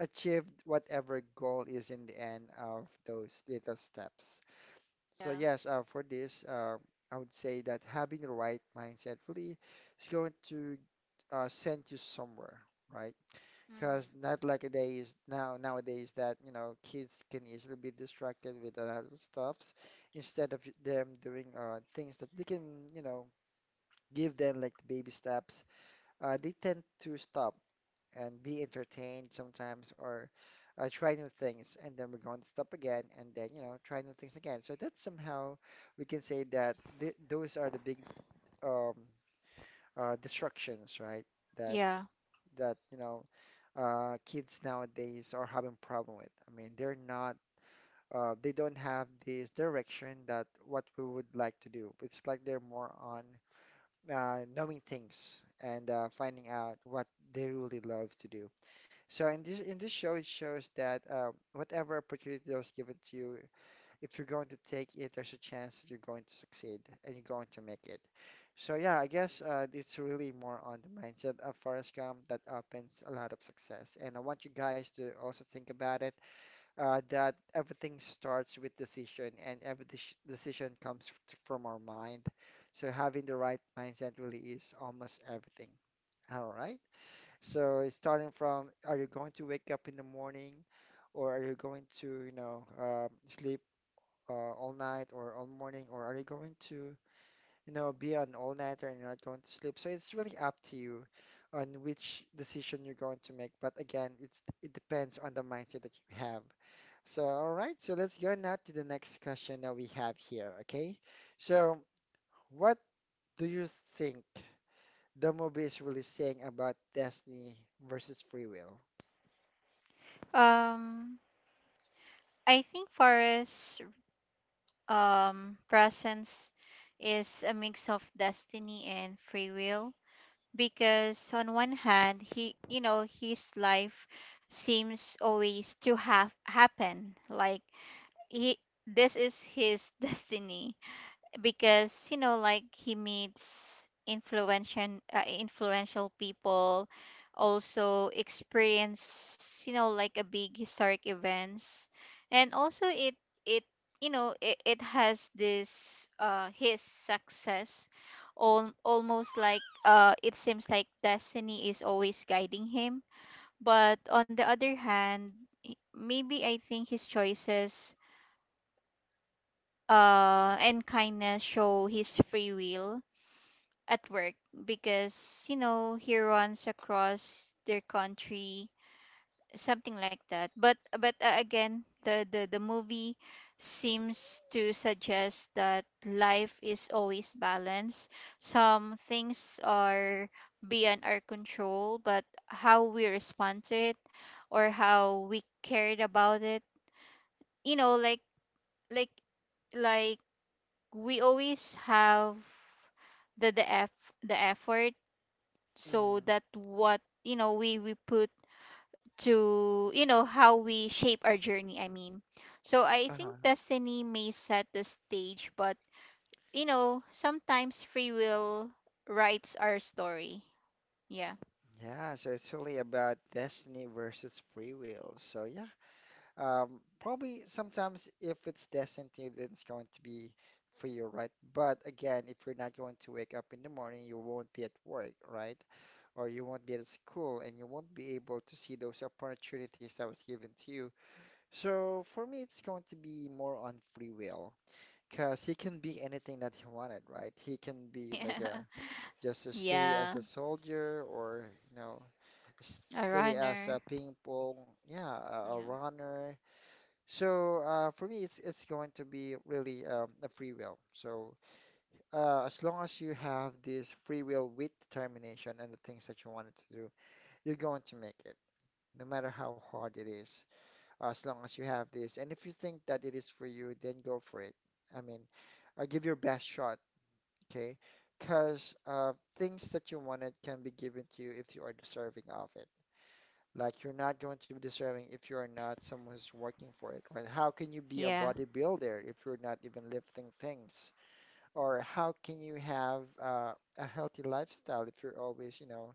S1: achieve whatever goal is in the end of those little steps. So
S2: Yeah.
S1: yes, for this, I would say that having the right mindset really is going to send you somewhere, right? Because
S2: Mm-hmm.
S1: not like a day is nowadays that, you know, kids can easily be distracted with a lot of stuffs instead of them doing things that they can, you know, give them like baby steps. They tend to stop and be entertained sometimes or try new things and then we're going to stop again and then, you know, try new things again. So that's somehow we can say that th those are the big um, distractions, right? That
S2: Yeah.
S1: that you know kids nowadays are having problem with. I mean, they're not they don't have this direction that what we would like to do. It's like they're more on knowing things and finding out what they really love to do. So in this show, it shows that whatever opportunity that was given to you, if you're going to take it, there's a chance that you're going to succeed and you're going to make it. So yeah, I guess it's really more on the mindset of Forrest Gump that opens a lot of success. And I want you guys to also think about it that everything starts with decision and every decision comes from our mind. So having the right mindset really is almost everything. All right. So starting from, are you going to wake up in the morning? Or are you going to, you know, sleep all night or all morning, or are you going to, you know, be an all-nighter and you're not going to sleep? So it's really up to you on which decision you're going to make. But again, it depends on the mindset that you have. So all right, so let's go now to the next question that we have here. Okay, so what do you think the movie is really saying about destiny versus free will?
S2: Um, I think Forrest, presence is a mix of destiny and free will, because on one hand, he, his life seems always to have happen, like he this is his destiny, because he meets influential, influential people, also experience, a big historic events, and also it it, it has this his success all almost like, it seems like destiny is always guiding him. But on the other hand, maybe I think his choices and kindness show his free will at work, because he runs across their country, something like that. But again, the movie seems to suggest that life is always balanced. Some things are beyond our control, but how we respond to it, or how we cared about it, you know like like like we always have the the effort. So
S1: Mm-hmm.
S2: that what, we put to, how we shape our journey, I mean, so I think
S1: Uh-huh.
S2: destiny may set the stage, but sometimes free will writes our story. Yeah.
S1: Yeah, so it's really about destiny versus free will. So yeah, probably sometimes if it's destined to you, then it's going to be for you, right? But again, if you're not going to wake up in the morning, you won't be at work, right? Or you won't be at school and you won't be able to see those opportunities that was given to you. So for me, it's going to be more on free will. Because he can be anything that he wanted, right? He can be like
S2: Yeah.
S1: a just to stay
S2: Yeah.
S1: as a soldier or, you know,
S2: A
S1: stay as
S2: runner.
S1: a ping pong, yeah, a
S2: Yeah.
S1: runner, so for me, it's going to be really a free will. So as long as you have this free will with determination and the things that you wanted to do, you're going to make it, no matter how hard it is. As long as you have this, and if you think that it is for you, then go for it. I mean, give your best shot, okay? Because things that you wanted can be given to you if you are deserving of it. Like you're not going to be deserving if you are not someone who's working for it, right? How can you be a
S2: Yeah.
S1: bodybuilder if you're not even lifting things? Or how can you have a healthy lifestyle if you're always, you know,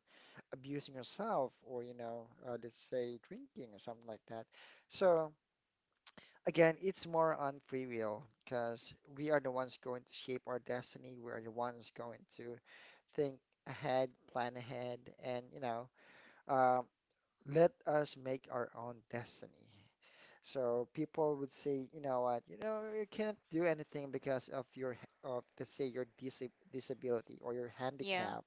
S1: abusing yourself or, you know, let's say drinking or something like that? So again, it's more on free will because we are the ones going to shape our destiny. We are the ones going to think ahead, plan ahead, and you know, um, let us make our own destiny. So people would say, you know what, you know, you can't do anything because of your, h- of let's say your disability or your
S2: Yeah.
S1: handicap.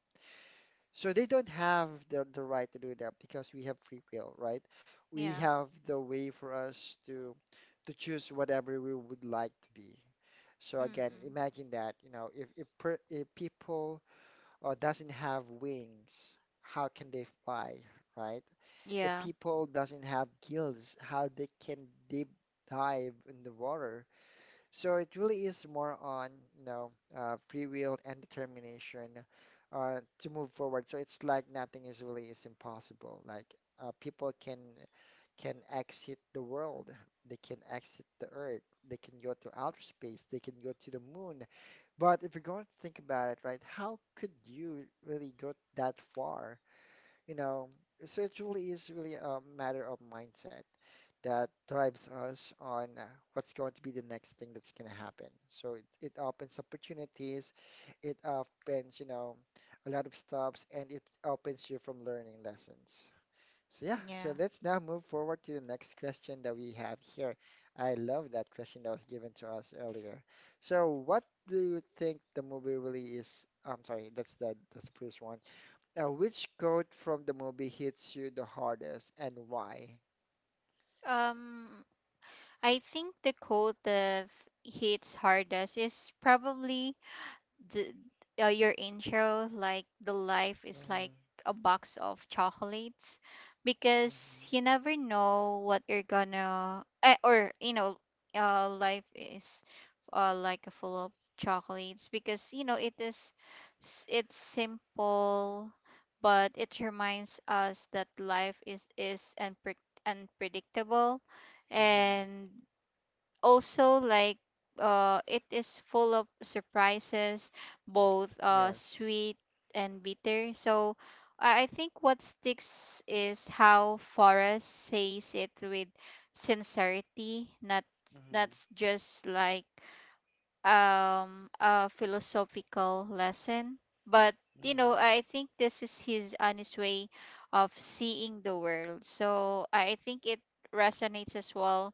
S1: So they don't have the right to do that because we have free will, right? We
S2: Yeah.
S1: have the way for us to choose whatever we would like to be. So again,
S2: Mm-mm.
S1: imagine that, you know, if people doesn't have wings, how can they fly, right? If
S2: Yeah.
S1: people doesn't have gills, how they can deep dive in the water. So it really is more on, you know, free will and determination to move forward. So it's like nothing is really is impossible. Like people can exit the world, they can exit the earth, they can go to outer space, they can go to the moon. But if you're going to think about it, right, how could you really go that far? You know, so it really is really a matter of mindset that drives us on what's going to be the next thing that's going to happen. So it opens opportunities, it opens, you know, a lot of stops, and it opens you from learning lessons. So yeah, so
S2: Yeah.
S1: let's now move forward to the next question that we have here. I love that question that was given to us earlier. So what do you think the movie really is? I'm sorry, that's the first one. Now, which quote from the movie hits you the hardest and why?
S2: um I think the quote that hits hardest is probably the, your intro, like the life is
S1: Mm-hmm.
S2: like a box of chocolates, because you
S1: Mm-hmm.
S2: never know what you're gonna or life is, like a full of chocolates, because it is it's simple, but it reminds us that life is unpredictable,
S1: Mm-hmm.
S2: and also like it is full of surprises, both
S1: Yes.
S2: sweet and bitter. So I think what sticks is how Forrest says it with sincerity, not
S1: Mm-hmm.
S2: that's just like, a philosophical lesson, but
S1: Mm-hmm.
S2: I think this is his honest way of seeing the world. So I think it resonates as well,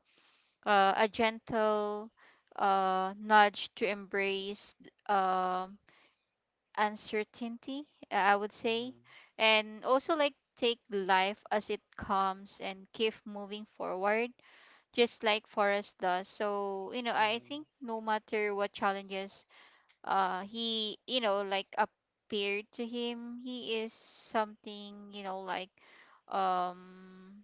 S2: a gentle, nudge to embrace, um uncertainty, I would say,
S1: Mm-hmm.
S2: and also like take life as it comes and keep moving forward, just like Forrest does. So I
S1: Mm-hmm.
S2: think no matter what challenges, he, appeared to him, he is something, um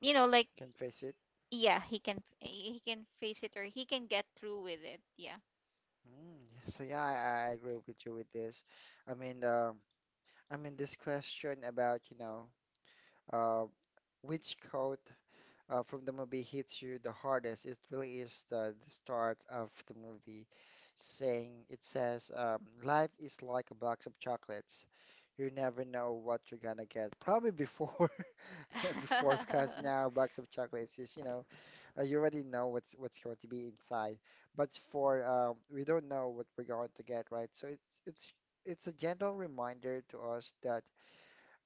S2: you know like
S1: Can face it.
S2: yeah, he can face it, or he can get through with it. Yeah.
S1: Mm, yeah, so yeah, I agree with you with this. I mean, um, I mean, this question about, you know, uh, which quote from the movie hits you the hardest, it really is the start of the movie saying it says life is like a box of chocolates. You never know what you're gonna get. Probably before before because now box of chocolates is, you know, you already know what's going to be inside. But for we don't know what we're going to get, right? So it's a gentle reminder to us that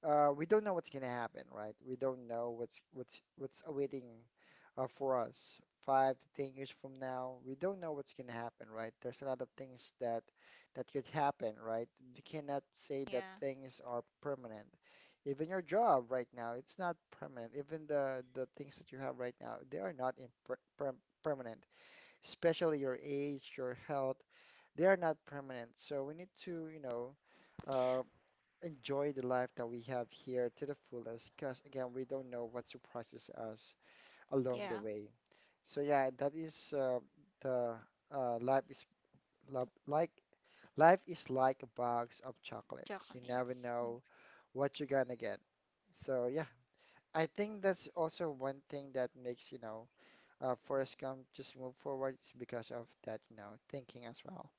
S1: we don't know what's gonna happen, right? We don't know what's awaiting for us 5 to 10 years from now. We don't know what's gonna happen, right? There's a lot of things that could happen, right? We cannot say that
S2: Yeah.
S1: things are permanent. Even your job right now, it's not permanent. Even the things that you have right now, they are not in permanent. Especially your age, your health, they are not permanent. So we need to, Uh, enjoy the life that we have here to the fullest because again we don't know what surprises us along
S2: Yeah.
S1: the way. So yeah, that is the uh, life is lo- like life is like a box of chocolates. You never
S2: Chocolates.
S1: know what you're gonna get. So yeah, I think that's also one thing that makes, Forrest Gump just move forward, is because of that, thinking as well.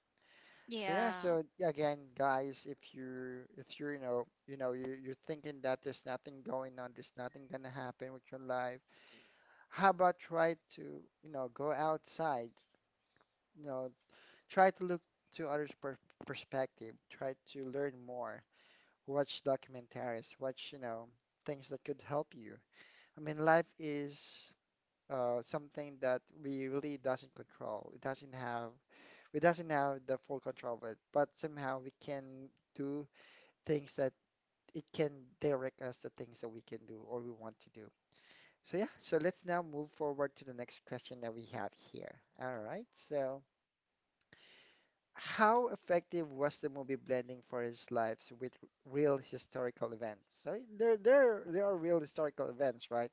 S1: So yeah,
S2: Yeah.
S1: so again, guys, if you if you're you know you know you you're thinking that there's nothing going on, there's nothing gonna happen with your life, how about try to go outside, you know try to look to others' perspective, try to learn more, watch documentaries, watch things that could help you. I mean, life is something that we really doesn't control. It doesn't have we doesn't have the full control of it, but somehow we can do things that it can direct us to things that we can do or we want to do. So yeah, so let's now move forward to the next question that we have here. All right, so how effective was the movie blending for his lives with real historical events? So there are real historical events, right?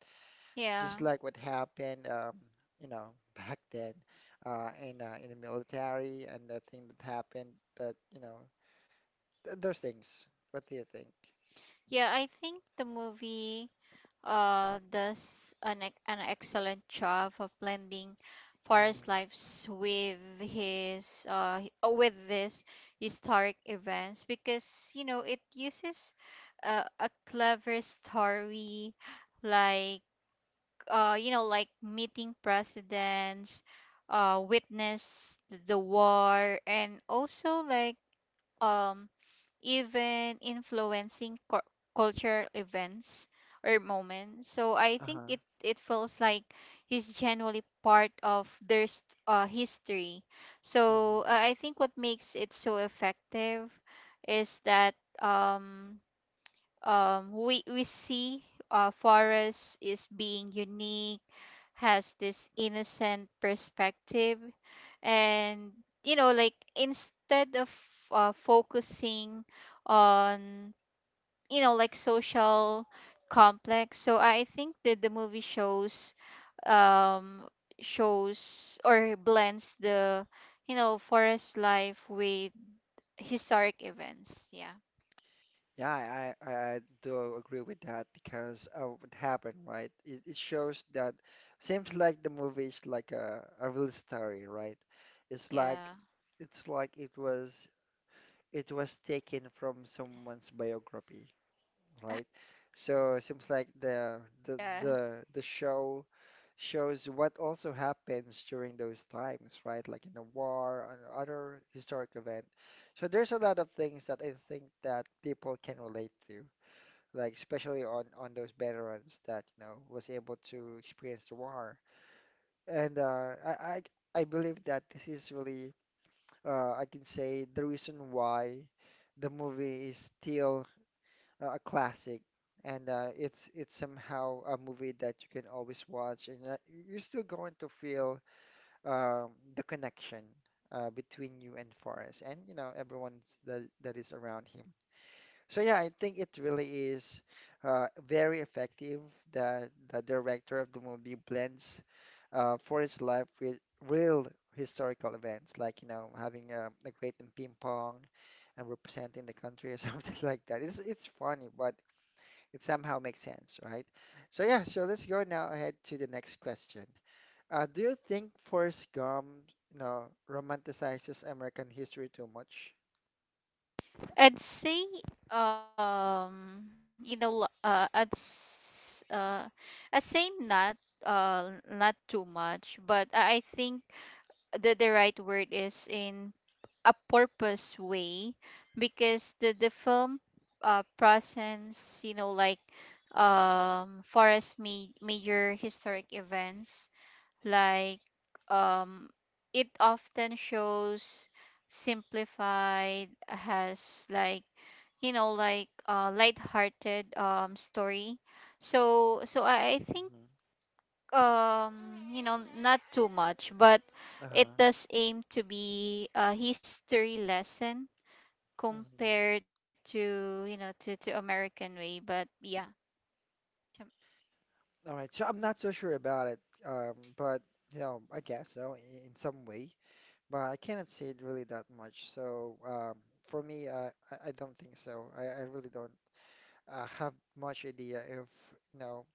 S1: Just
S2: Yeah.
S1: like what happened, you know, back then, in the military and the thing that happened that, you know, th those things. What do you think?
S2: Yeah, I think the movie does an an excellent job of blending Forest
S1: Mm,
S2: lives with his with this historic events, because it uses, a clever story, like, meeting presidents, witness the war, and also like, um, even influencing cultural events or moments. So I think
S1: uh-huh.
S2: it feels like he's genuinely part of their history. So
S1: Hmm.
S2: I think what makes it so effective is that, um we see Forest is being unique, has this innocent perspective. And instead of, focusing on, social complex, so I think that the movie shows, um shows or blends the, Forest life with historic events. Yeah.
S1: Yeah, I do agree with that because of what happened, right? It shows that seems like the movie is like a real story, right? It's like
S2: Yeah.
S1: it's like it was taken from someone's biography, right? So it seems like the the
S2: Yeah.
S1: the the shows what also happens during those times, right? Like in the war and other historic event. So there's a lot of things that I think that people can relate to, like especially on those veterans that, was able to experience the war. And I believe that this is really, I can say, the reason why the movie is still a classic. And it's somehow a movie that you can always watch, and you're still going to feel, the connection between you and Forrest, and, everyone that is around him. So yeah, I think it really is very effective that the director of the movie blends for his life with real historical events, like, having a great in ping pong and representing the country or something like that. It's funny, but it somehow makes sense, right? So yeah, so let's go now ahead to the next question. Do you think Forrest Gump, you know, romanticizes American history too much?
S2: I'd say you know lo- I'd s- I'd say not, not too much, but I think the right word is in a purpose way, because the film, presents, Forest major historic events, like, um, it often shows simplified, has like, light-hearted, story. So I think,
S1: Mm-hmm.
S2: not too much, but it
S1: Uh-huh.
S2: does aim to be a history lesson
S1: Hmm.
S2: compared to, to American way. But yeah.
S1: All right, so I'm not so sure about it, but you know, I guess so, in some way, but I cannot say it really that much. So for me, I don't think so. I really don't have much idea if, you know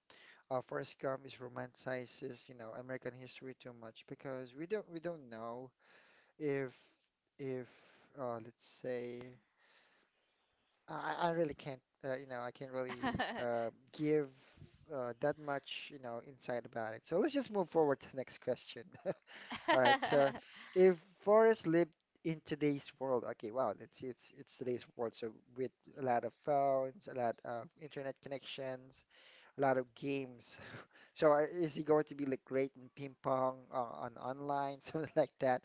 S1: Forrest Gump is romanticizes, American history too much, because we don't know if, if let's say, I really can't, I can't really give that much, insight about it. So let's just move forward to the next question. All right. So if Forrest lived in today's world, okay, wow, it's today's world. So with a lot of phones, a lot of internet connections, a lot of games. So is he going to be like great in ping pong, on online, something like that?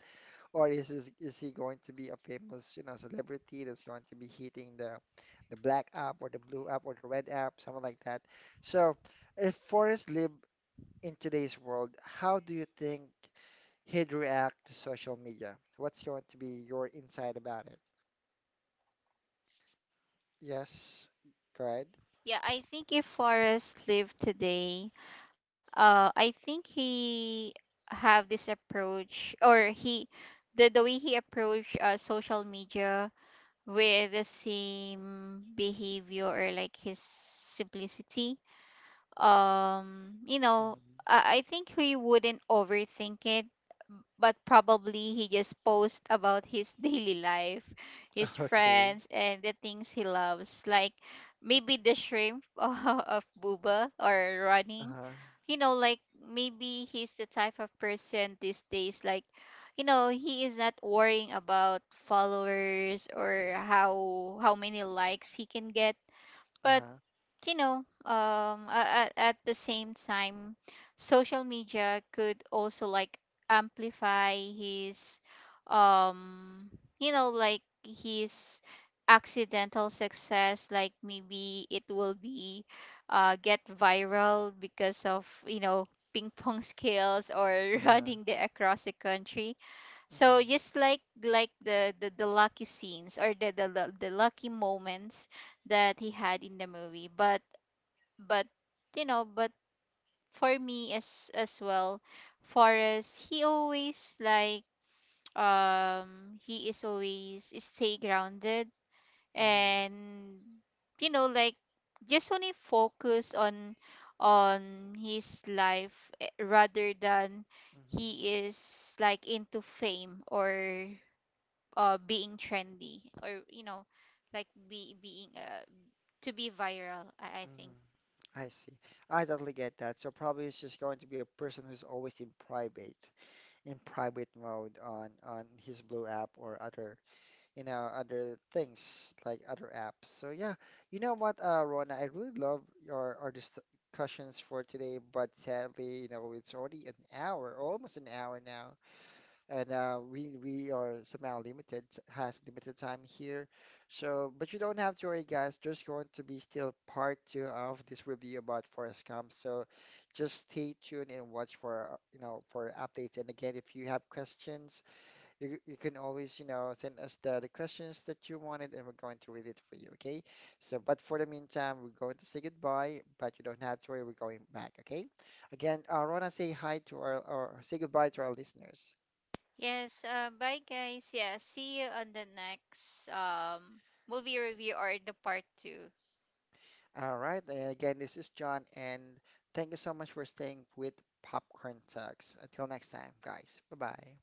S1: Or is he going to be a famous, you know, celebrity that's going to be hitting the black app or the blue app or the red app, something like that. So if Forrest lived in today's world, how do you think he'd react to social media? What's going to be your insight about it? Yes, go ahead.
S2: Yeah, I think if Forrest lived today, I think he have this approach, or he, the way he approach, social media, with the same behavior, or like his simplicity. um you know
S1: Mhm.
S2: I think he wouldn't overthink it, but probably he just posts about his daily life, his
S1: Okay.
S2: friends, and the things he loves, like maybe the shrimp of Buba, or running.
S1: Uh-huh.
S2: You know, like maybe he's the type of person these days, like, he is not worrying about followers, or how many likes he can get, but
S1: Uh-huh.
S2: at the same time, social media could also like amplify his, um, his accidental success. Like maybe it will be, get viral because of, ping pong skills, or
S1: Uh-huh.
S2: running the across the country, so
S1: Mm-hmm.
S2: just like the lucky scenes, or the, the lucky moments that he had in the movie. But but you know, but for me as well, Forrest, he always like, he is always stay grounded, and you know like just only focus on his life, rather than
S1: Mm-hmm.
S2: he is like into fame, or being trendy, or you know like be being to be viral, I think.
S1: Mhm. I see. I totally get that. So probably it's just going to be a person who's always in private mode on his Blue app or other, other things like other apps. So yeah, you know what, Rona, I really love your our discussions for today, but sadly, it's already an hour, almost an hour now. And we are somehow limited has limited time here, so but you don't have to worry, guys, there's going to be still part two of this review about Forest Gump. So just stay tuned and watch for for updates. And again, if you have questions, you can always send us the questions that you wanted, and we're going to read it for you, okay? So but for the meantime, we're going to say goodbye, but you don't have to worry, we're going back, okay? Again, Rona, say hi to our or say goodbye to our listeners.
S2: Yes, bye guys. Yeah, see you on the next, movie review, or the part two.
S1: All right. And again, this is John, and thank you so much for staying with Popcorn Talks. Until next time, guys. Bye bye.